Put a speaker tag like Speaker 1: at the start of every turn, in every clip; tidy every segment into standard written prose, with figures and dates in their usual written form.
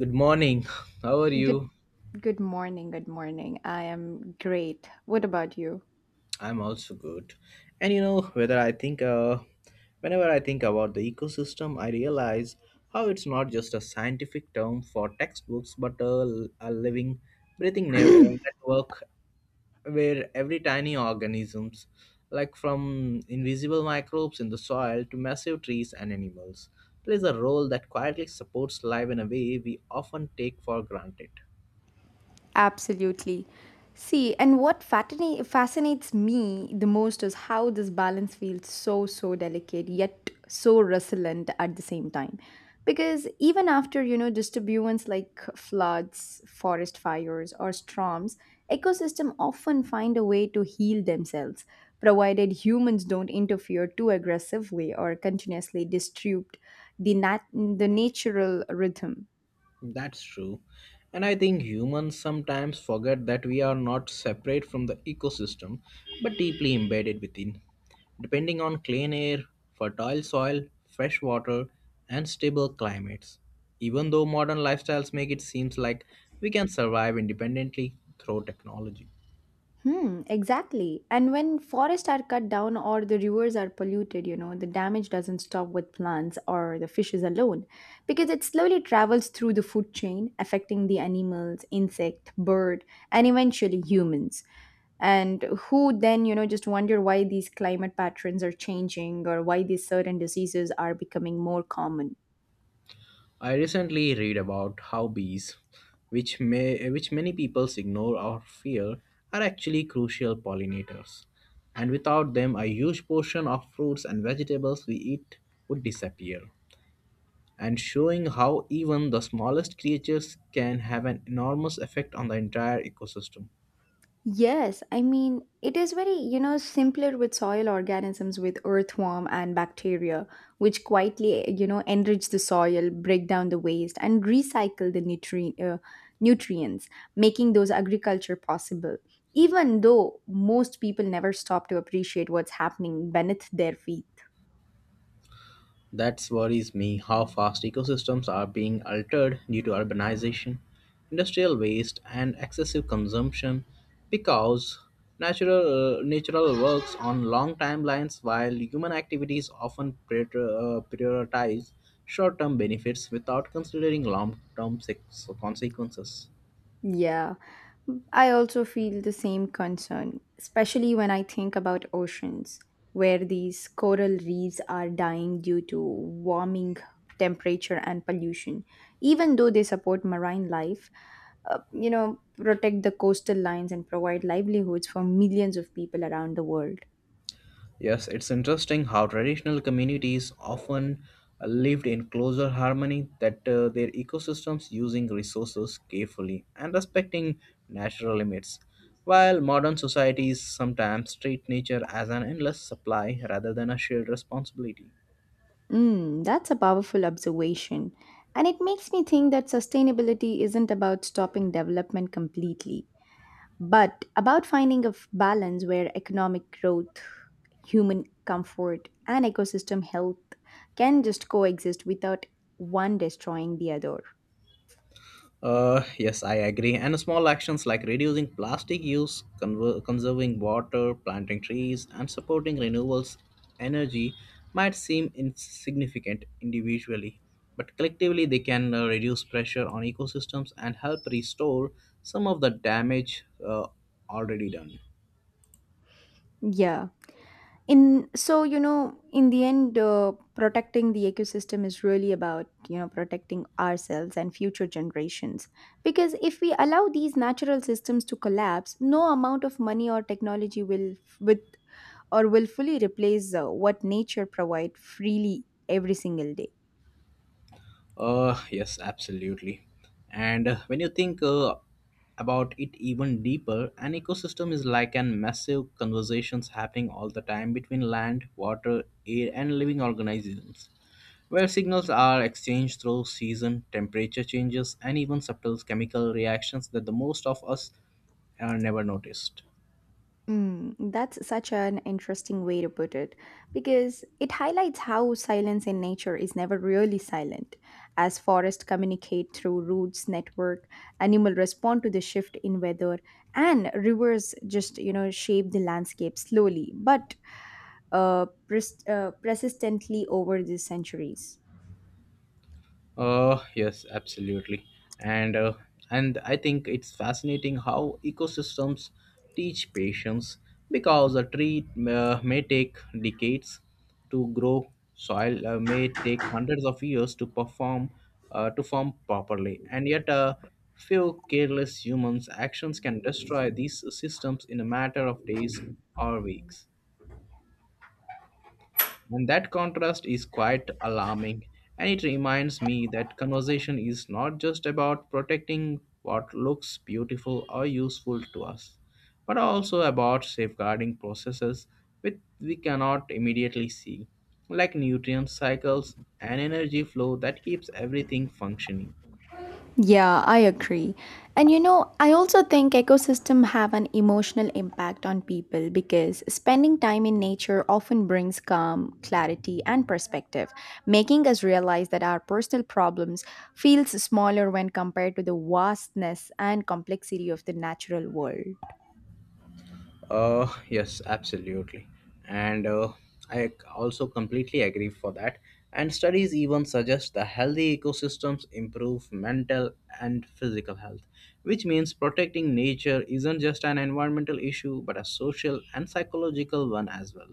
Speaker 1: Good morning. How are
Speaker 2: Good
Speaker 1: you?
Speaker 2: good morning, good morning. I am great. What about you?
Speaker 1: I'm also good. And you know, whether I think, Whenever I think about the ecosystem, I realize how it's not just a scientific term for textbooks, but a living, breathing network where every tiny organisms, like from invisible microbes in the soil to massive trees and animals, plays a role that quietly supports life in a way we often take for granted.
Speaker 2: Absolutely. See, and what fascinates me the most is how this balance feels so delicate, yet so resilient at the same time. Because even after, you know, disturbance like floods, forest fires, or storms, ecosystems often find a way to heal themselves, provided humans don't interfere too aggressively or continuously disrupt the natural rhythm.
Speaker 1: That's true. And I think humans sometimes forget that we are not separate from the ecosystem but deeply embedded within. Depending on clean air, fertile soil, fresh water, and stable climates. Even though modern lifestyles make it seem like we can survive independently through technology.
Speaker 2: Hmm, exactly. And when forests are cut down or the rivers are polluted, you know, the damage doesn't stop with plants or the fishes alone because it slowly travels through the food chain, affecting the animals, insect, bird, and eventually humans. And who then, you know, just wonder why these climate patterns are changing or why these certain diseases are becoming more common.
Speaker 1: I recently read about how bees, which many people ignore or fear, are actually crucial pollinators. And without them, a huge portion of fruits and vegetables we eat would disappear. And showing how even the smallest creatures can have an enormous effect on the entire ecosystem.
Speaker 2: Yes, I mean, it is very, you know, simpler with soil organisms with earthworm and bacteria, which quietly, you know, enrich the soil, break down the waste, and recycle the nutrients, making those agriculture possible. Even though most people never stop to appreciate what's happening beneath their feet.
Speaker 1: That worries me how fast ecosystems are being altered due to urbanization, industrial waste, and excessive consumption because natural works on long timelines while human activities often prioritize short term benefits without considering long term consequences.
Speaker 2: Yeah, I also feel the same concern, especially when I think about oceans, where these coral reefs are dying due to warming temperature and pollution. Even though they support marine life, you know, protect the coastal lines and provide livelihoods for millions of people around the world.
Speaker 1: Yes, it's interesting how traditional communities often lived in closer harmony that their ecosystems using resources carefully and respecting natural limits, while modern societies sometimes treat nature as an endless supply rather than a shared responsibility.
Speaker 2: Mm, that's a powerful observation. And it makes me think that sustainability isn't about stopping development completely, but about finding a balance where economic growth, human comfort, and ecosystem health can just coexist without one destroying the other.
Speaker 1: Yes, I agree. And small actions like reducing plastic use, conserving water, planting trees, and supporting renewables energy might seem insignificant individually, but collectively they can reduce pressure on ecosystems and help restore some of the damage already done.
Speaker 2: Yeah. In so you know, in the end, protecting the ecosystem is really about, you know, protecting ourselves and future generations. Because if we allow these natural systems to collapse, no amount of money or technology will, with or willfully replace what nature provides freely every single day.
Speaker 1: Yes, absolutely. And when you think about it even deeper, an ecosystem is like an massive conversations happening all the time between land, water, air, and living organisms, where signals are exchanged through season, temperature changes, and even subtle chemical reactions that the most of us are never noticed.
Speaker 2: Mm, that's such an interesting way to put it because it highlights how silence in nature is never really silent. As forests communicate through roots network, animals respond to the shift in weather, and rivers just, you know, shape the landscape slowly but persistently over the centuries.
Speaker 1: Yes, absolutely. And uh, and I think it's fascinating how ecosystems teach patience because a tree may take decades to grow, soil may take hundreds of years to perform to form properly, and yet a few careless humans' actions can destroy these systems in a matter of days or weeks. And that contrast is quite alarming. And it reminds me that conversation is not just about protecting what looks beautiful or useful to us, but also about safeguarding processes which we cannot immediately see, like nutrient cycles and energy flow that keeps everything functioning.
Speaker 2: Yeah, I agree. And you know, I also think ecosystem have an emotional impact on people because spending time in nature often brings calm, clarity and perspective, making us realize that our personal problems feels smaller when compared to the vastness and complexity of the natural world.
Speaker 1: Yes, absolutely. And I c- also completely agree for that. And studies even suggest that healthy ecosystems improve mental and physical health, which means protecting nature isn't just an environmental issue but a social and psychological one as well.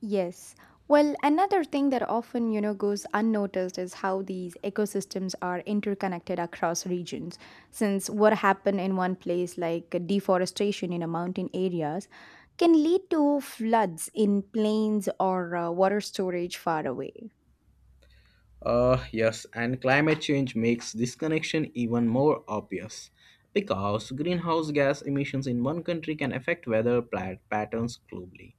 Speaker 2: Yes. Well, another thing that often, you know, goes unnoticed is how these ecosystems are interconnected across regions. Since what happened in one place like deforestation in a mountain areas can lead to floods in plains or water storage far away.
Speaker 1: Yes, and climate change makes this connection even more obvious because greenhouse gas emissions in one country can affect weather patterns globally,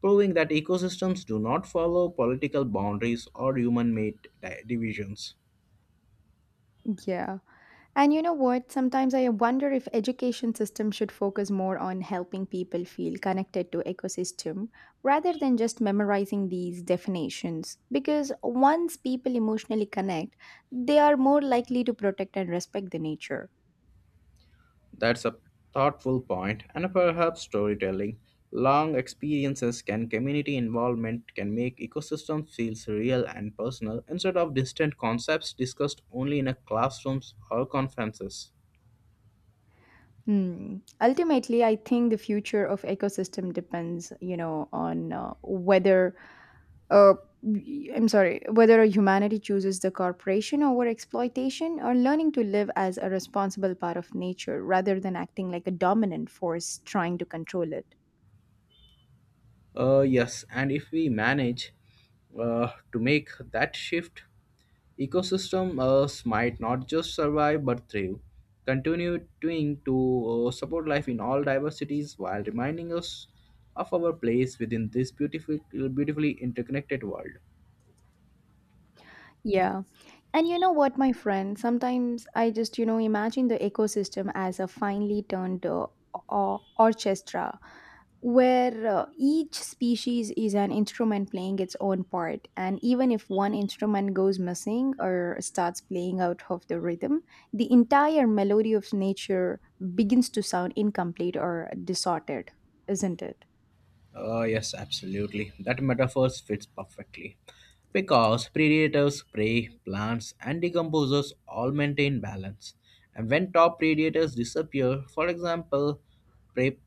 Speaker 1: proving that ecosystems do not follow political boundaries or human made divisions.
Speaker 2: Yeah. And you know what? Sometimes I wonder if education system should focus more on helping people feel connected to ecosystem rather than just memorizing these definitions. Because once people emotionally connect, they are more likely to protect and respect the nature.
Speaker 1: That's a thoughtful point, and perhaps storytelling. Long experiences can community involvement can make ecosystems feel real and personal instead of distant concepts discussed only in a classrooms or conferences.
Speaker 2: Hmm. Ultimately, I think the future of ecosystem depends, you know, on uh, whether humanity chooses the corporation over exploitation or learning to live as a responsible part of nature rather than acting like a dominant force trying to control it.
Speaker 1: Yes, and if we manage to make that shift, ecosystem might not just survive but thrive, continuing to support life in all diversities while reminding us of our place within this beautiful, beautifully interconnected world.
Speaker 2: Yeah. And you know what, my friend? Sometimes I just, you know, imagine the ecosystem as a finely tuned orchestra where, each species is an instrument playing its own part. And even if one instrument goes missing or starts playing out of the rhythm, the entire melody of nature begins to sound incomplete or distorted, isn't it?
Speaker 1: Yes, absolutely. That metaphor fits perfectly. Because predators, prey, plants, and decomposers all maintain balance. And when top predators disappear, for example, prey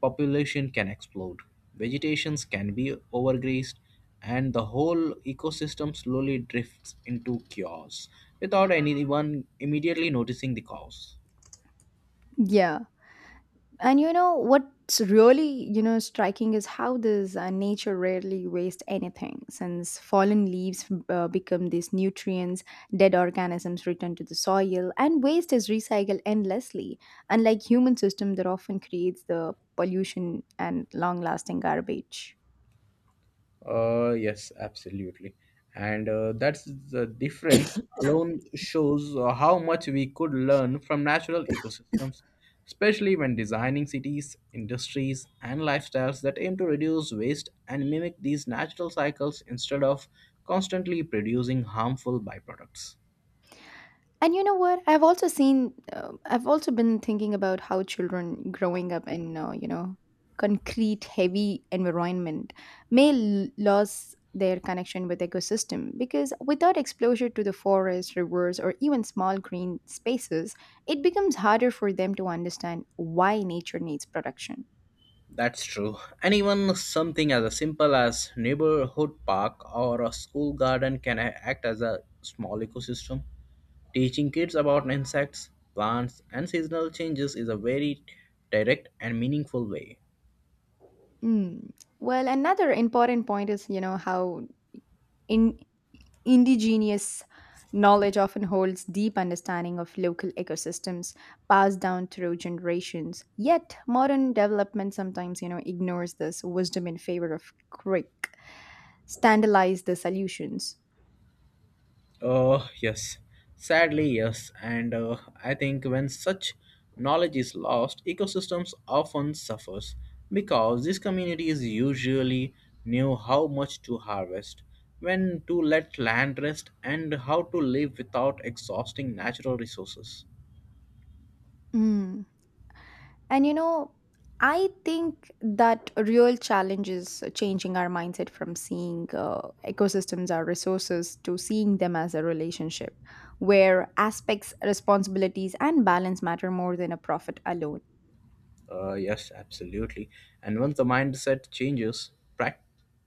Speaker 1: population can explode, vegetations can be overgrazed, and the whole ecosystem slowly drifts into chaos without anyone immediately noticing the cause.
Speaker 2: Yeah. And you know what's really, you know, striking is how this nature rarely wastes anything, since fallen leaves become these nutrients, dead organisms return to the soil, and waste is recycled endlessly. Unlike human system that often creates the pollution and long-lasting garbage.
Speaker 1: Yes, absolutely. And that's the difference alone shows how much we could learn from natural ecosystems, especially when designing cities, industries, and lifestyles that aim to reduce waste and mimic these natural cycles instead of constantly producing harmful byproducts.
Speaker 2: And you know what? I've also been thinking about how children growing up in, you know, concrete, heavy environment may lose their connection with ecosystem because without exposure to the forest, rivers, or even small green spaces, it becomes harder for them to understand why nature needs protection.
Speaker 1: That's true. And even something as simple as neighborhood park or a school garden can act as a small ecosystem. Teaching kids about insects, plants, and seasonal changes is a very direct and meaningful way.
Speaker 2: Mm. Well, another important point is, you know, how in indigenous knowledge often holds deep understanding of local ecosystems passed down through generations, yet modern development sometimes, you know, ignores this wisdom in favor of quick standardized the solutions.
Speaker 1: Oh, yes. Sadly, yes. And I think when such knowledge is lost, ecosystems often suffers because these communities usually knew how much to harvest, when to let land rest, and how to live without exhausting natural resources.
Speaker 2: Mm. And you know, I think that a real challenge is changing our mindset from seeing ecosystems as resources to seeing them as a relationship where aspects responsibilities and balance matter more than a profit alone.
Speaker 1: Yes, absolutely. And once the mindset changes, prac-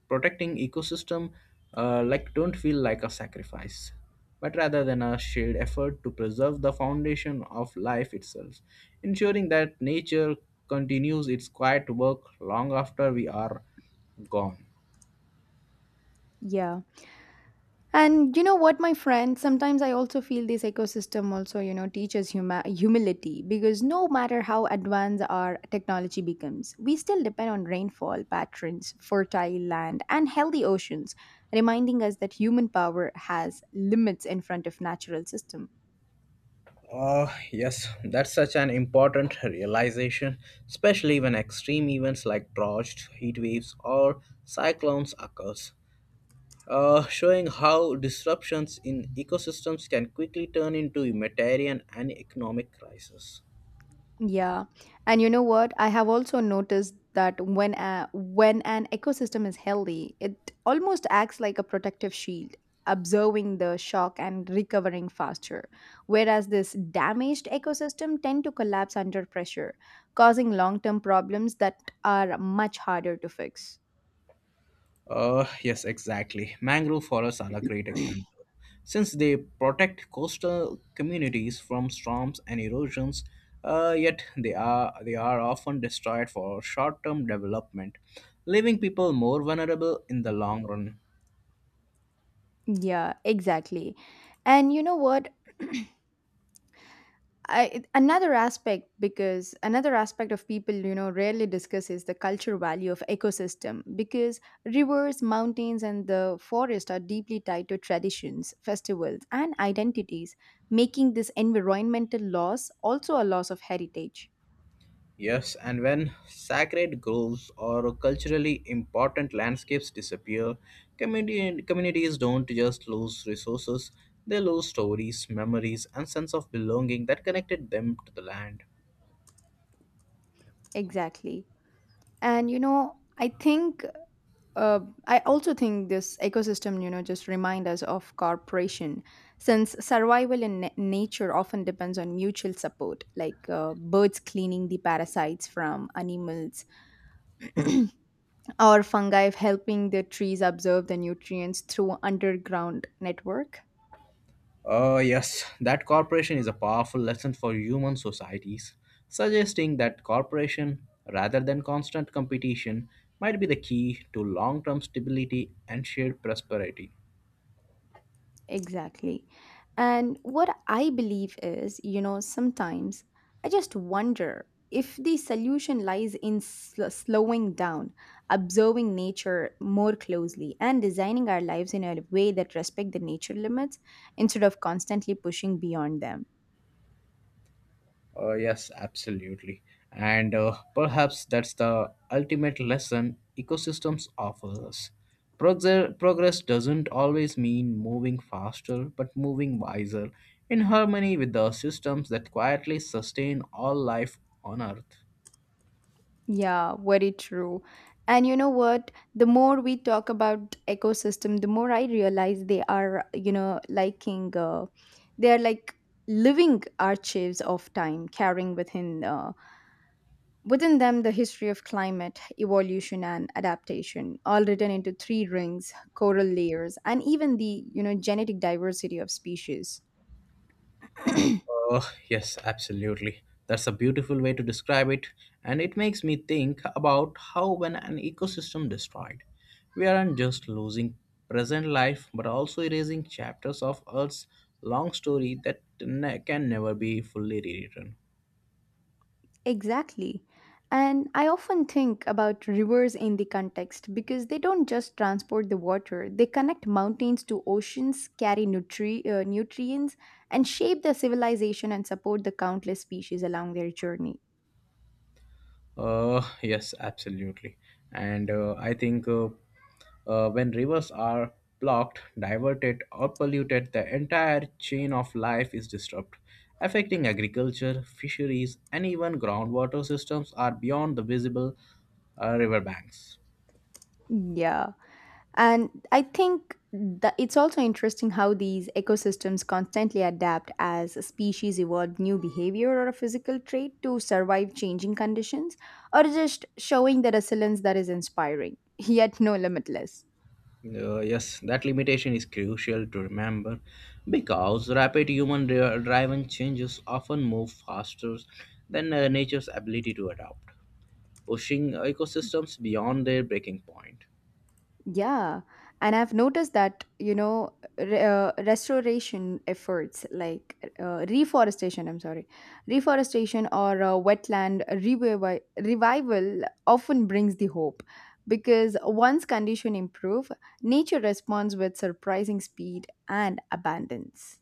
Speaker 1: protecting ecosystem like don't feel like a sacrifice, but rather than a shared effort to preserve the foundation of life itself, ensuring that nature continues its quiet work long after we are gone.
Speaker 2: Yeah. And you know what, my friend, sometimes I also feel this ecosystem also, you know, teaches humility because no matter how advanced our technology becomes, we still depend on rainfall patterns, fertile land, and healthy oceans, reminding us that human power has limits in front of natural system.
Speaker 1: Yes, that's such an important realization, especially when extreme events like droughts, heat waves, or cyclones occurs. Uh, showing how disruptions in ecosystems can quickly turn into humanitarian and economic crises.
Speaker 2: Yeah. And you know what? I have also noticed that when an ecosystem is healthy, it almost acts like a protective shield, absorbing the shock and recovering faster. Whereas this damaged ecosystem tend to collapse under pressure, causing long-term problems that are much harder to fix.
Speaker 1: Yes, exactly. Mangrove forests are a great example. Since they protect coastal communities from storms and erosions, yet they are often destroyed for short-term development, leaving people more vulnerable in the long run.
Speaker 2: Yeah, exactly. And you know what? I, it- another aspect because another aspect of people, you know, rarely discuss is the cultural value of ecosystem because rivers mountains and the forest are deeply tied to traditions festivals and identities, making this environmental loss also a loss of heritage.
Speaker 1: Yes, and when sacred groves or culturally important landscapes disappear, communities don't just lose resources, they lose stories, memories, and sense of belonging that connected them to the land.
Speaker 2: Exactly. And you know, I think uh, I also think this ecosystem, you know, just remind us of cooperation, since survival in nature often depends on mutual support, like birds cleaning the parasites from animals, or fungi helping the trees absorb the nutrients through underground network.
Speaker 1: Oh, yes, that corporation is a powerful lesson for human societies, suggesting that cooperation, rather than constant competition, might be the key to long term stability and shared prosperity.
Speaker 2: Exactly. And what I believe is, you know, sometimes I just wonder if the solution lies in slowing down, observing nature more closely, and designing our lives in a way that respect the nature limits instead of constantly pushing beyond them.
Speaker 1: Yes, absolutely. And Perhaps that's the ultimate lesson ecosystems offer us. Progress doesn't always mean moving faster, but moving wiser, in harmony with the systems that quietly sustain all life on Earth.
Speaker 2: Yeah, very true. And you know what? The more we talk about ecosystem, the more I realize they are, you know, liking, they are like living archives of time, carrying within them the history of climate, evolution, and adaptation, all written into three rings, coral layers, and even the, you know, genetic diversity of species.
Speaker 1: Uh, yes, absolutely. That's a beautiful way to describe it, and it makes me think about how when an ecosystem destroyed, we aren't just losing present life but also erasing chapters of Earth's long story that can never be fully rewritten.
Speaker 2: Exactly. And I often think about rivers in the context because they don't just transport the water, they connect mountains to oceans, carry nutrients, and shape the civilization and support the countless species along their journey.
Speaker 1: Yes, absolutely. And I think when rivers are blocked, diverted, or polluted, the entire chain of life is disrupted, affecting agriculture, fisheries, and even groundwater systems are beyond the visible riverbanks.
Speaker 2: Yeah. And I think that it's also interesting how these ecosystems constantly adapt as species evolve new behavior or a physical trait to survive changing conditions, or just showing the resilience that is inspiring, yet no limitless.
Speaker 1: Yes, that limitation is crucial to remember because rapid human driven changes often move faster than nature's ability to adapt. Pushing ecosystems beyond their breaking point.
Speaker 2: Yeah, and I've noticed that, you know, re restoration efforts like reforestation or wetland revival often brings the hope because once condition improve, nature responds with surprising speed and abundance.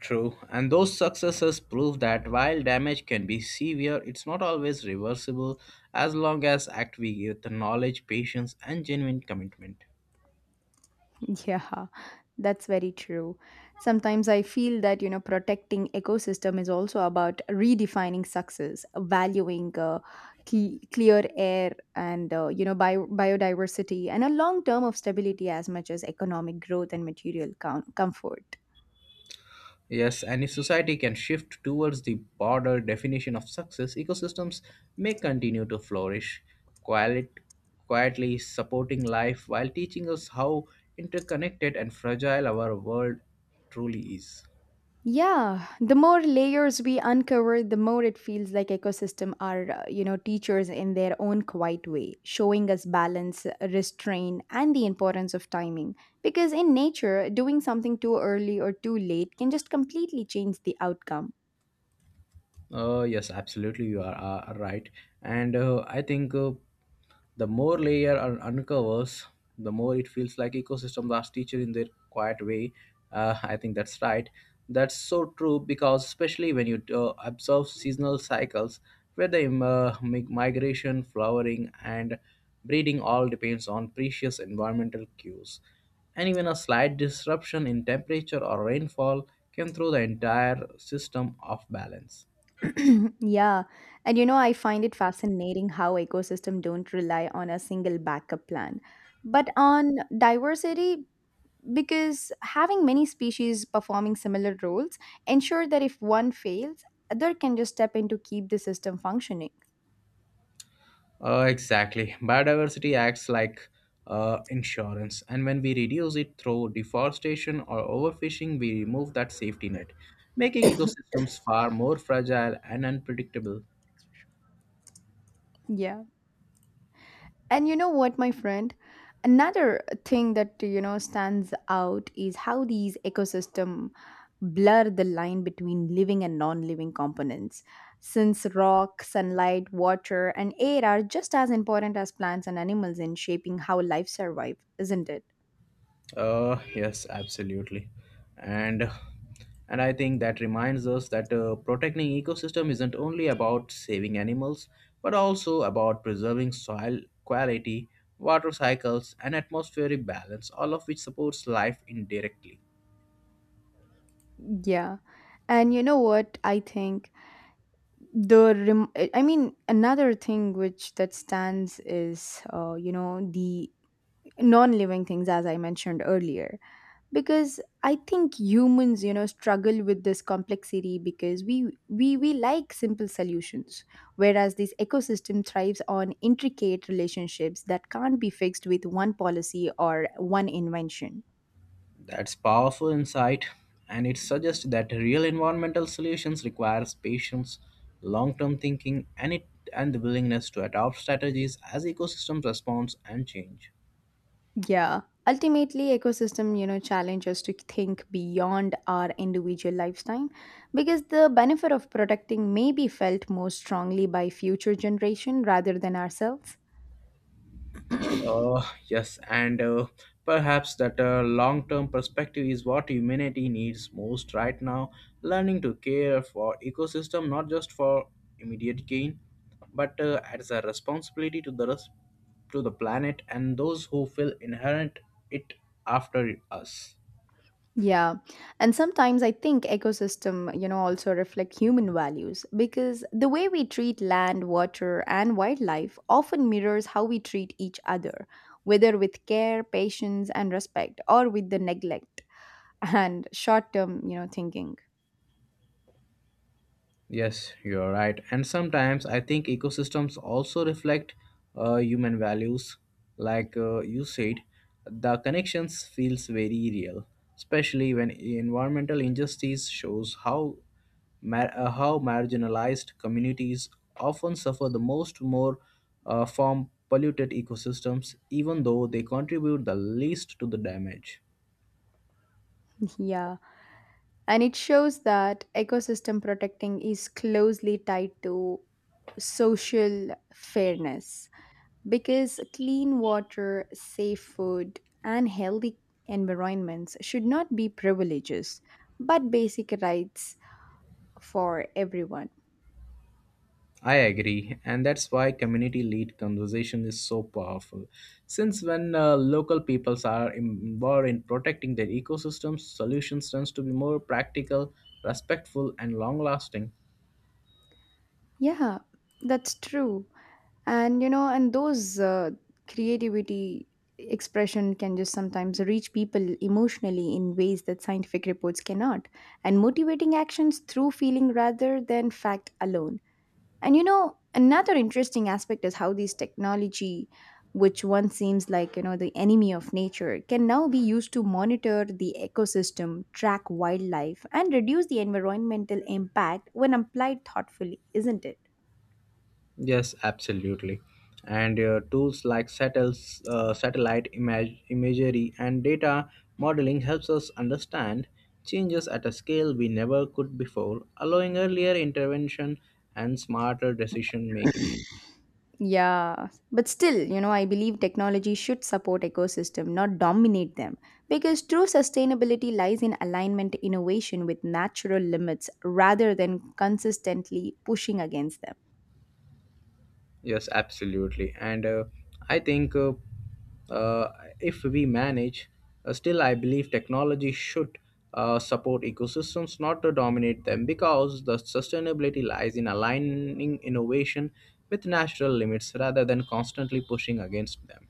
Speaker 1: True, and those successes prove that while damage can be severe, it's not always reversible as long as act we with the knowledge, patience, and genuine commitment.
Speaker 2: Yeah, that's very true. Sometimes I feel that, you know, protecting ecosystem is also about redefining success, valuing clear air and, you know, biodiversity and a long term of stability as much as economic growth and material comfort.
Speaker 1: Yes, and if society can shift towards the broader definition of success, ecosystems may continue to flourish, quiet, quietly supporting life while teaching us how interconnected and fragile our world truly is.
Speaker 2: Yeah, the more layers we uncover, the more it feels like ecosystem are, you know, teachers in their own quiet way, showing us balance, restraint, and the importance of timing. Because in nature, doing something too early or too late can just completely change the outcome.
Speaker 1: Yes, absolutely, are right. And I think the more layer uncovers, the more it feels like ecosystems are teacher in their quiet way. I think that's right. That's so true because especially when you observe seasonal cycles, where the migration, flowering, and breeding all depends on precious environmental cues, and even a slight disruption in temperature or rainfall can throw the entire system off balance.
Speaker 2: Yeah, and you know, I find it fascinating how ecosystem don't rely on a single backup plan, but on diversity because having many species performing similar roles ensure that if one fails other can just step in to keep the system functioning.
Speaker 1: Exactly. Biodiversity acts like insurance, and when we reduce it through deforestation or overfishing, we remove that safety net, making ecosystems far more fragile and unpredictable.
Speaker 2: Yeah. And you know what, my friend, another thing that, you know, stands out is how these ecosystem blur the line between living and non-living components, since rock sunlight water and air are just as important as plants and animals in shaping how life survives, isn't it?
Speaker 1: Yes, absolutely, and and I think that reminds us that protecting ecosystem isn't only about saving animals, but also about preserving soil quality, water cycles, and atmospheric balance, all of which supports life indirectly.
Speaker 2: Yeah. And you know what I think? The rem- I mean another thing which that stands is, you know, the non-living things as I mentioned earlier, because I think humans, you know, struggle with this complexity because we like simple solutions, whereas this ecosystem thrives on intricate relationships that can't be fixed with one policy or one invention.
Speaker 1: That's powerful insight, and it suggests that real environmental solutions requires patience, long-term thinking, and the willingness to adopt strategies as ecosystems respond and change.
Speaker 2: Yeah. Ultimately, ecosystem, you know, challenge us to think beyond our individual lifetime because the benefit of protecting may be felt more strongly by future generation rather than ourselves.
Speaker 1: Yes, and perhaps that long term perspective is what humanity needs most right now. Learning to care for ecosystem not just for immediate gain, but as a responsibility to the rest, to the planet and those who feel inherent it after us.
Speaker 2: Yeah. And sometimes I think ecosystem, also reflect human values because the way we treat land, water, and wildlife often mirrors how we treat each other, whether with care, patience, and respect or with the neglect and short-term thinking.
Speaker 1: Yes, you're right. And sometimes I think ecosystems also reflect human values. Like you said, the connections feels very real, especially when environmental injustice shows how marginalized communities often suffer the most more from polluted ecosystems, even though they contribute the least to the damage.
Speaker 2: Yeah. And it shows that ecosystem protecting is closely tied to social fairness because clean water, safe food, and healthy environments should not be privileges but basic rights for everyone.
Speaker 1: I agree, and that's why community led conversation is so powerful. Since when local peoples are involved in protecting their ecosystems, solutions tends to be more practical, respectful, and long lasting.
Speaker 2: Yeah, that's true. And you know and those creativity expression can just sometimes reach people emotionally in ways that scientific reports cannot, and motivating actions through feeling rather than fact alone. And another interesting aspect is how these technology, which once seems like the enemy of nature, can now be used to monitor the ecosystem, track wildlife, and reduce the environmental impact when applied thoughtfully, isn't it?
Speaker 1: Yes, absolutely. And tools like satellite imagery and data modeling helps us understand changes at a scale we never could before, allowing earlier intervention and smarter decision making.
Speaker 2: Yeah, but still, I believe technology should support ecosystem, not dominate them, because true sustainability lies in alignment innovation with natural limits rather than consistently pushing against them.
Speaker 1: Yes, absolutely. And I think uh, if we manage, Still, I believe technology should support ecosystems, not to dominate them, because the sustainability lies in aligning innovation with natural limits rather than constantly pushing against them.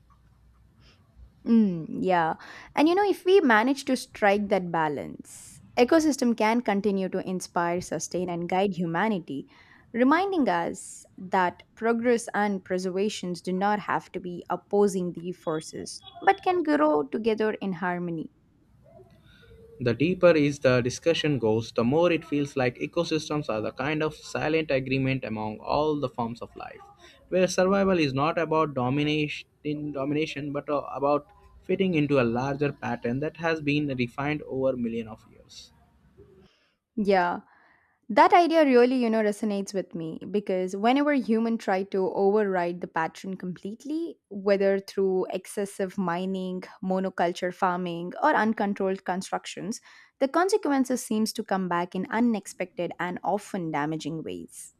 Speaker 2: Mm, yeah. And if we manage to strike that balance, ecosystem can continue to inspire, sustain, and guide humanity, reminding us that progress and preservations do not have to be opposing the forces, but can grow together in harmony.
Speaker 1: The deeper is the discussion goes, the more it feels like ecosystems are the kind of silent agreement among all the forms of life, where survival is not about domination, but about fitting into a larger pattern that has been refined over million of years.
Speaker 2: Yeah. That idea really, resonates with me because whenever human try to override the pattern completely, whether through excessive mining, monoculture farming, or uncontrolled constructions, the consequences seems to come back in unexpected and often damaging ways.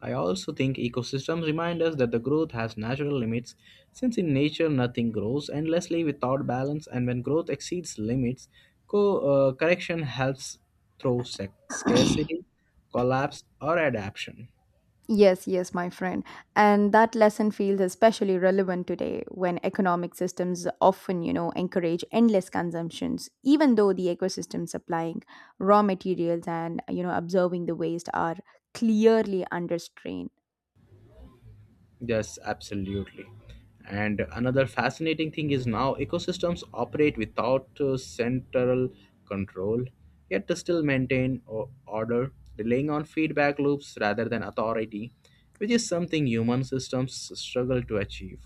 Speaker 1: I also think ecosystems remind us that the growth has natural limits, since in nature nothing grows endlessly without balance, and when growth exceeds limits, correction helps through scarcity, collapse, or adaption.
Speaker 2: Yes, yes, my friend. And that lesson feels especially relevant today when economic systems often, encourage endless consumptions, even though the ecosystem supplying raw materials and, observing the waste are clearly under strain.
Speaker 1: Yes, absolutely. And another fascinating thing is now ecosystems operate without central control, yet they still maintain order, relying on feedback loops rather than authority, which is something human systems struggle to achieve.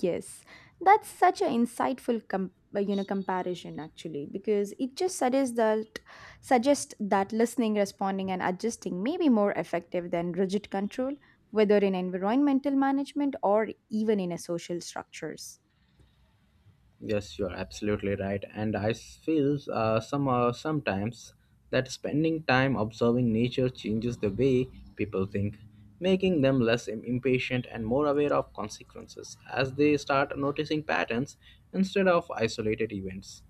Speaker 2: Yes, that's such an insightful comparison actually, because it just suggests that listening, responding, and adjusting may be more effective than rigid control, whether in environmental management or even in a social structures.
Speaker 1: Yes, you're absolutely right. And I feel sometimes that spending time observing nature changes the way people think, making them less impatient and more aware of consequences as they start noticing patterns instead of isolated events.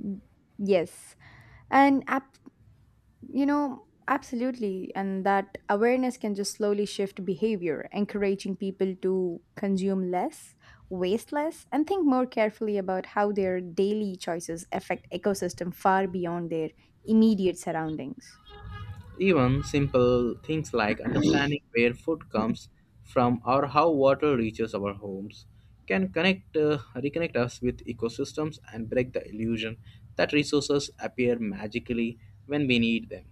Speaker 2: Mm, yes, and absolutely. And that awareness can just slowly shift behavior, encouraging people to consume less, waste less, and think more carefully about how their daily choices affect ecosystem far beyond their immediate surroundings.
Speaker 1: Even simple things like understanding where food comes from or how water reaches our homes can connect reconnect us with ecosystems and break the illusion that resources appear magically when we need them.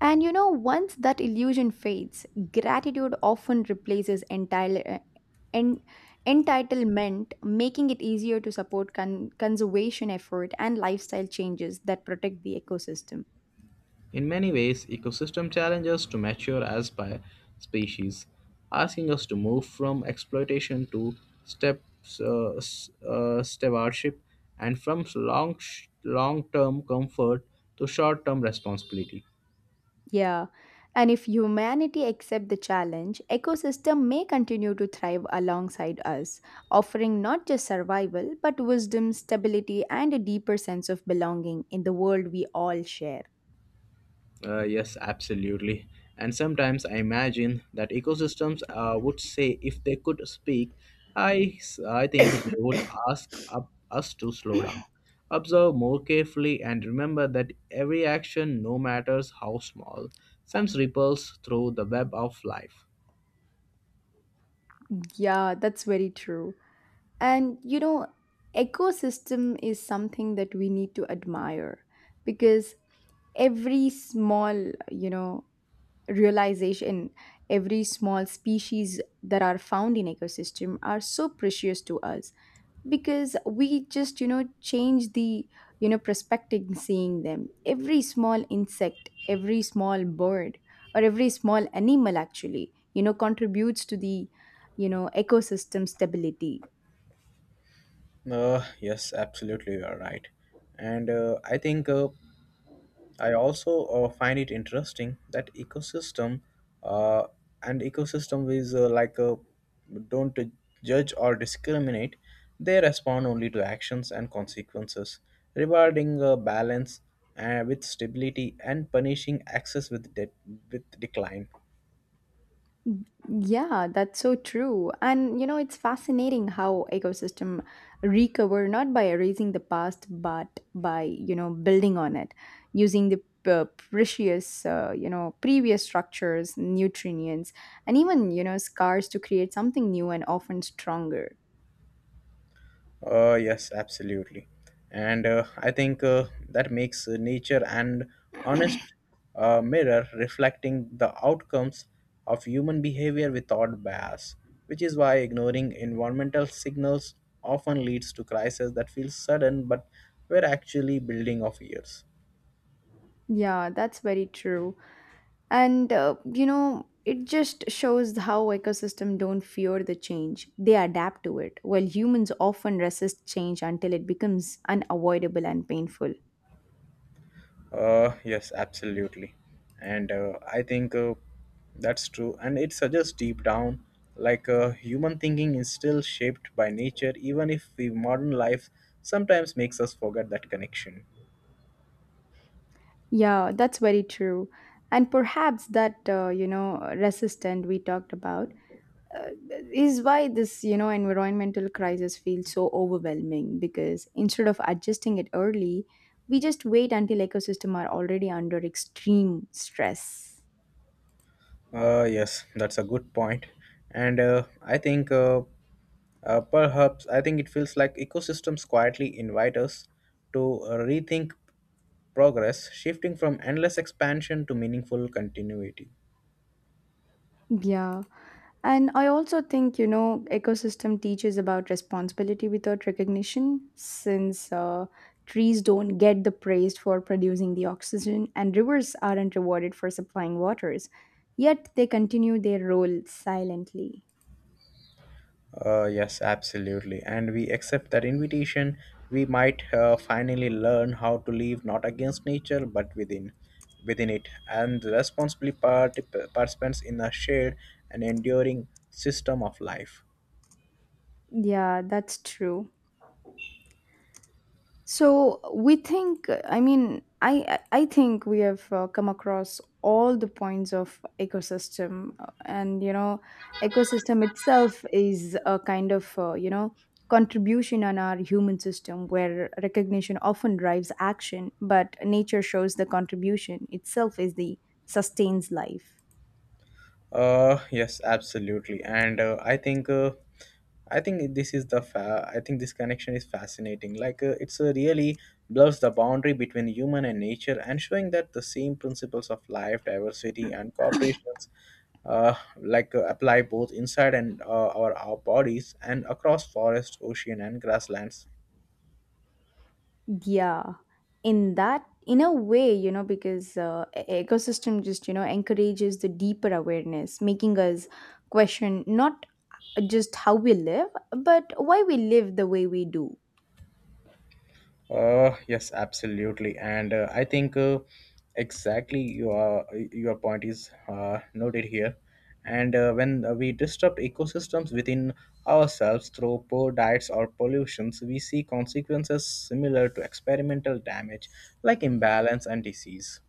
Speaker 2: And once that illusion fades, gratitude often replaces en- entitlement, making it easier to support conservation effort and lifestyle changes that protect the ecosystem.
Speaker 1: In many ways, ecosystem challenge us to mature as by species, asking us to move from exploitation to stewardship and from long-term comfort to short-term responsibility.
Speaker 2: Yeah. And if humanity accept the challenge, ecosystem may continue to thrive alongside us, offering not just survival but wisdom, stability, and a deeper sense of belonging in the world we all share.
Speaker 1: Yes, absolutely. And sometimes I imagine that ecosystems would say if they could speak, I think they would ask us to slow down, observe more carefully, and remember that every action, no matter how small, sends ripples through the web of life.
Speaker 2: Yeah, that's very true. And ecosystem is something that we need to admire because every small, realization, every small species that are found in ecosystem are so precious to us, because we just change the perspective seeing them. Every small insect, every small bird, or every small animal actually contributes to the ecosystem stability.
Speaker 1: Yes, absolutely, you are right. And I also find it interesting that uh, ecosystem is like a don't judge or discriminate. They respond only to actions and consequences, rewarding balance with stability and punishing access with with decline.
Speaker 2: Yeah, that's so true. And it's fascinating how ecosystem recover not by erasing the past, but by building on it, using the precious previous structures, nutrients, and even scars to create something new and often stronger.
Speaker 1: Yes, absolutely. And I think that makes nature an honest mirror reflecting the outcomes of human behavior without bias, which is why ignoring environmental signals often leads to crises that feel sudden but were actually building of years.
Speaker 2: Yeah, that's very true. And it just shows how ecosystem don't fear the change, they adapt to it, while humans often resist change until it becomes unavoidable and painful.
Speaker 1: Yes, absolutely. And I think that's true. And it suggests deep down, human thinking is still shaped by nature, even if the modern life sometimes makes us forget that connection.
Speaker 2: Yeah, that's very true. And perhaps that resistant we talked about uh, is why this environmental crisis feels so overwhelming, because instead of adjusting it early, we just wait until ecosystem are already under extreme stress.
Speaker 1: Yes, that's a good point. And I think perhaps I think it feels like ecosystems quietly invite us to rethink progress, shifting from endless expansion to meaningful continuity.
Speaker 2: Yeah. And I also think, ecosystem teaches about responsibility without recognition, since trees don't get the praise for producing the oxygen and rivers aren't rewarded for supplying waters. Yet they continue their role silently.
Speaker 1: Yes, absolutely. And we accept that invitation, we might finally learn how to live not against nature but within it, and responsibly participants in a shared and enduring system of life.
Speaker 2: Yeah, that's true. So we think, I mean, I think we have come across all the points of ecosystem, and ecosystem itself is a kind of contribution on our human system where recognition often drives action, but nature shows the contribution itself is the sustains life.
Speaker 1: Yes, absolutely. And I think this is the fa- I think this connection is fascinating. It's really blurs the boundary between human and nature and showing that the same principles of life, diversity and cooperations uh, apply both inside and our bodies and across forest, ocean and grasslands.
Speaker 2: Yeah, in a way, because ecosystem just, encourages the deeper awareness, making us question not just how we live, but why we live the way we do.
Speaker 1: Yes, absolutely. And I think exactly your point is noted here. And when we disrupt ecosystems within ourselves through poor diets or pollutions, we see consequences similar to experimental damage like imbalance and disease.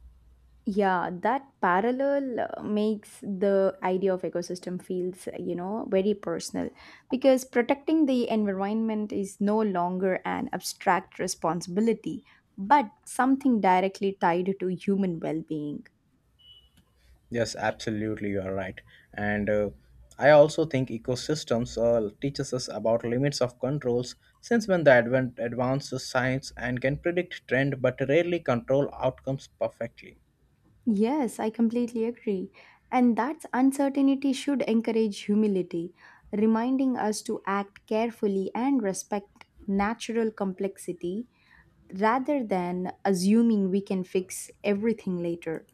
Speaker 2: Yeah, that parallel makes the idea of ecosystem feels, very personal, because protecting the environment is no longer an abstract responsibility, but something directly tied to human well-being.
Speaker 1: Yes, absolutely, you are right. And I also think ecosystems teaches us about limits of controls, since when the advent advances science and can predict trend, but rarely control outcomes perfectly.
Speaker 2: Yes, I completely agree. And that uncertainty should encourage humility, reminding us to act carefully and respect natural complexity rather than assuming we can fix everything later.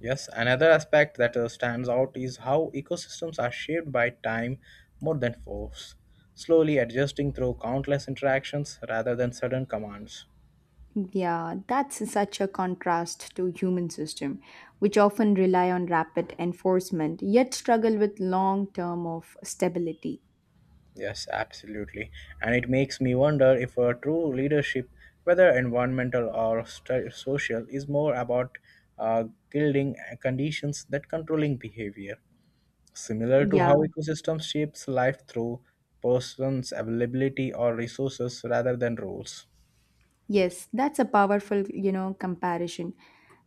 Speaker 1: Yes, another aspect that stands out is how ecosystems are shaped by time more than force, slowly adjusting through countless interactions rather than sudden commands.
Speaker 2: Yeah, that's such a contrast to human system, which often rely on rapid enforcement yet struggle with long term of stability.
Speaker 1: Yes, absolutely. And it makes me wonder if a true leadership, whether environmental or social, is more about uh, gilding conditions that controlling behavior, similar to
Speaker 2: Yeah.
Speaker 1: how ecosystems shapes life through persons' availability or resources rather than rules.
Speaker 2: Yes, that's a powerful, comparison.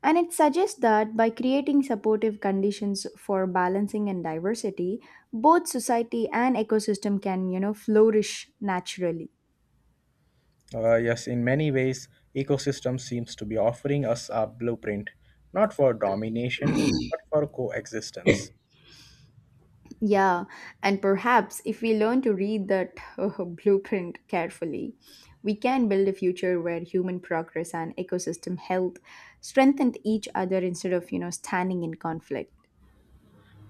Speaker 2: And it suggests that by creating supportive conditions for balancing and diversity, both society and ecosystem can, flourish naturally.
Speaker 1: Yes, in many ways, ecosystem seems to be offering us a blueprint, not for domination, but for coexistence.
Speaker 2: Yeah, and perhaps if we learn to read that blueprint carefully, we can build a future where human progress and ecosystem health strengthen each other instead of, standing in conflict.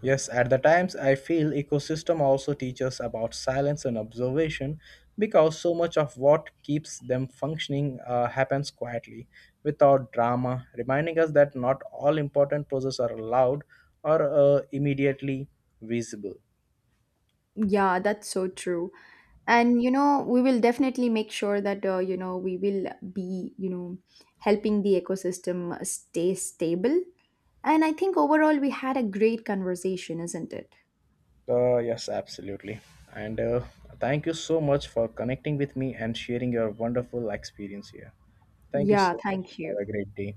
Speaker 1: Yes, at the times I feel ecosystem also teaches about silence and observation because so much of what keeps them functioning happens quietly without drama, reminding us that not all important processes are loud or immediately visible.
Speaker 2: Yeah, that's so true. And we will definitely make sure that we will be helping the ecosystem stay stable. And I think overall we had a great conversation, isn't it?
Speaker 1: Yes, absolutely. And thank you so much for connecting with me and sharing your wonderful experience here. Thank you
Speaker 2: Yeah,
Speaker 1: so much.
Speaker 2: thank you.
Speaker 1: Have a great day.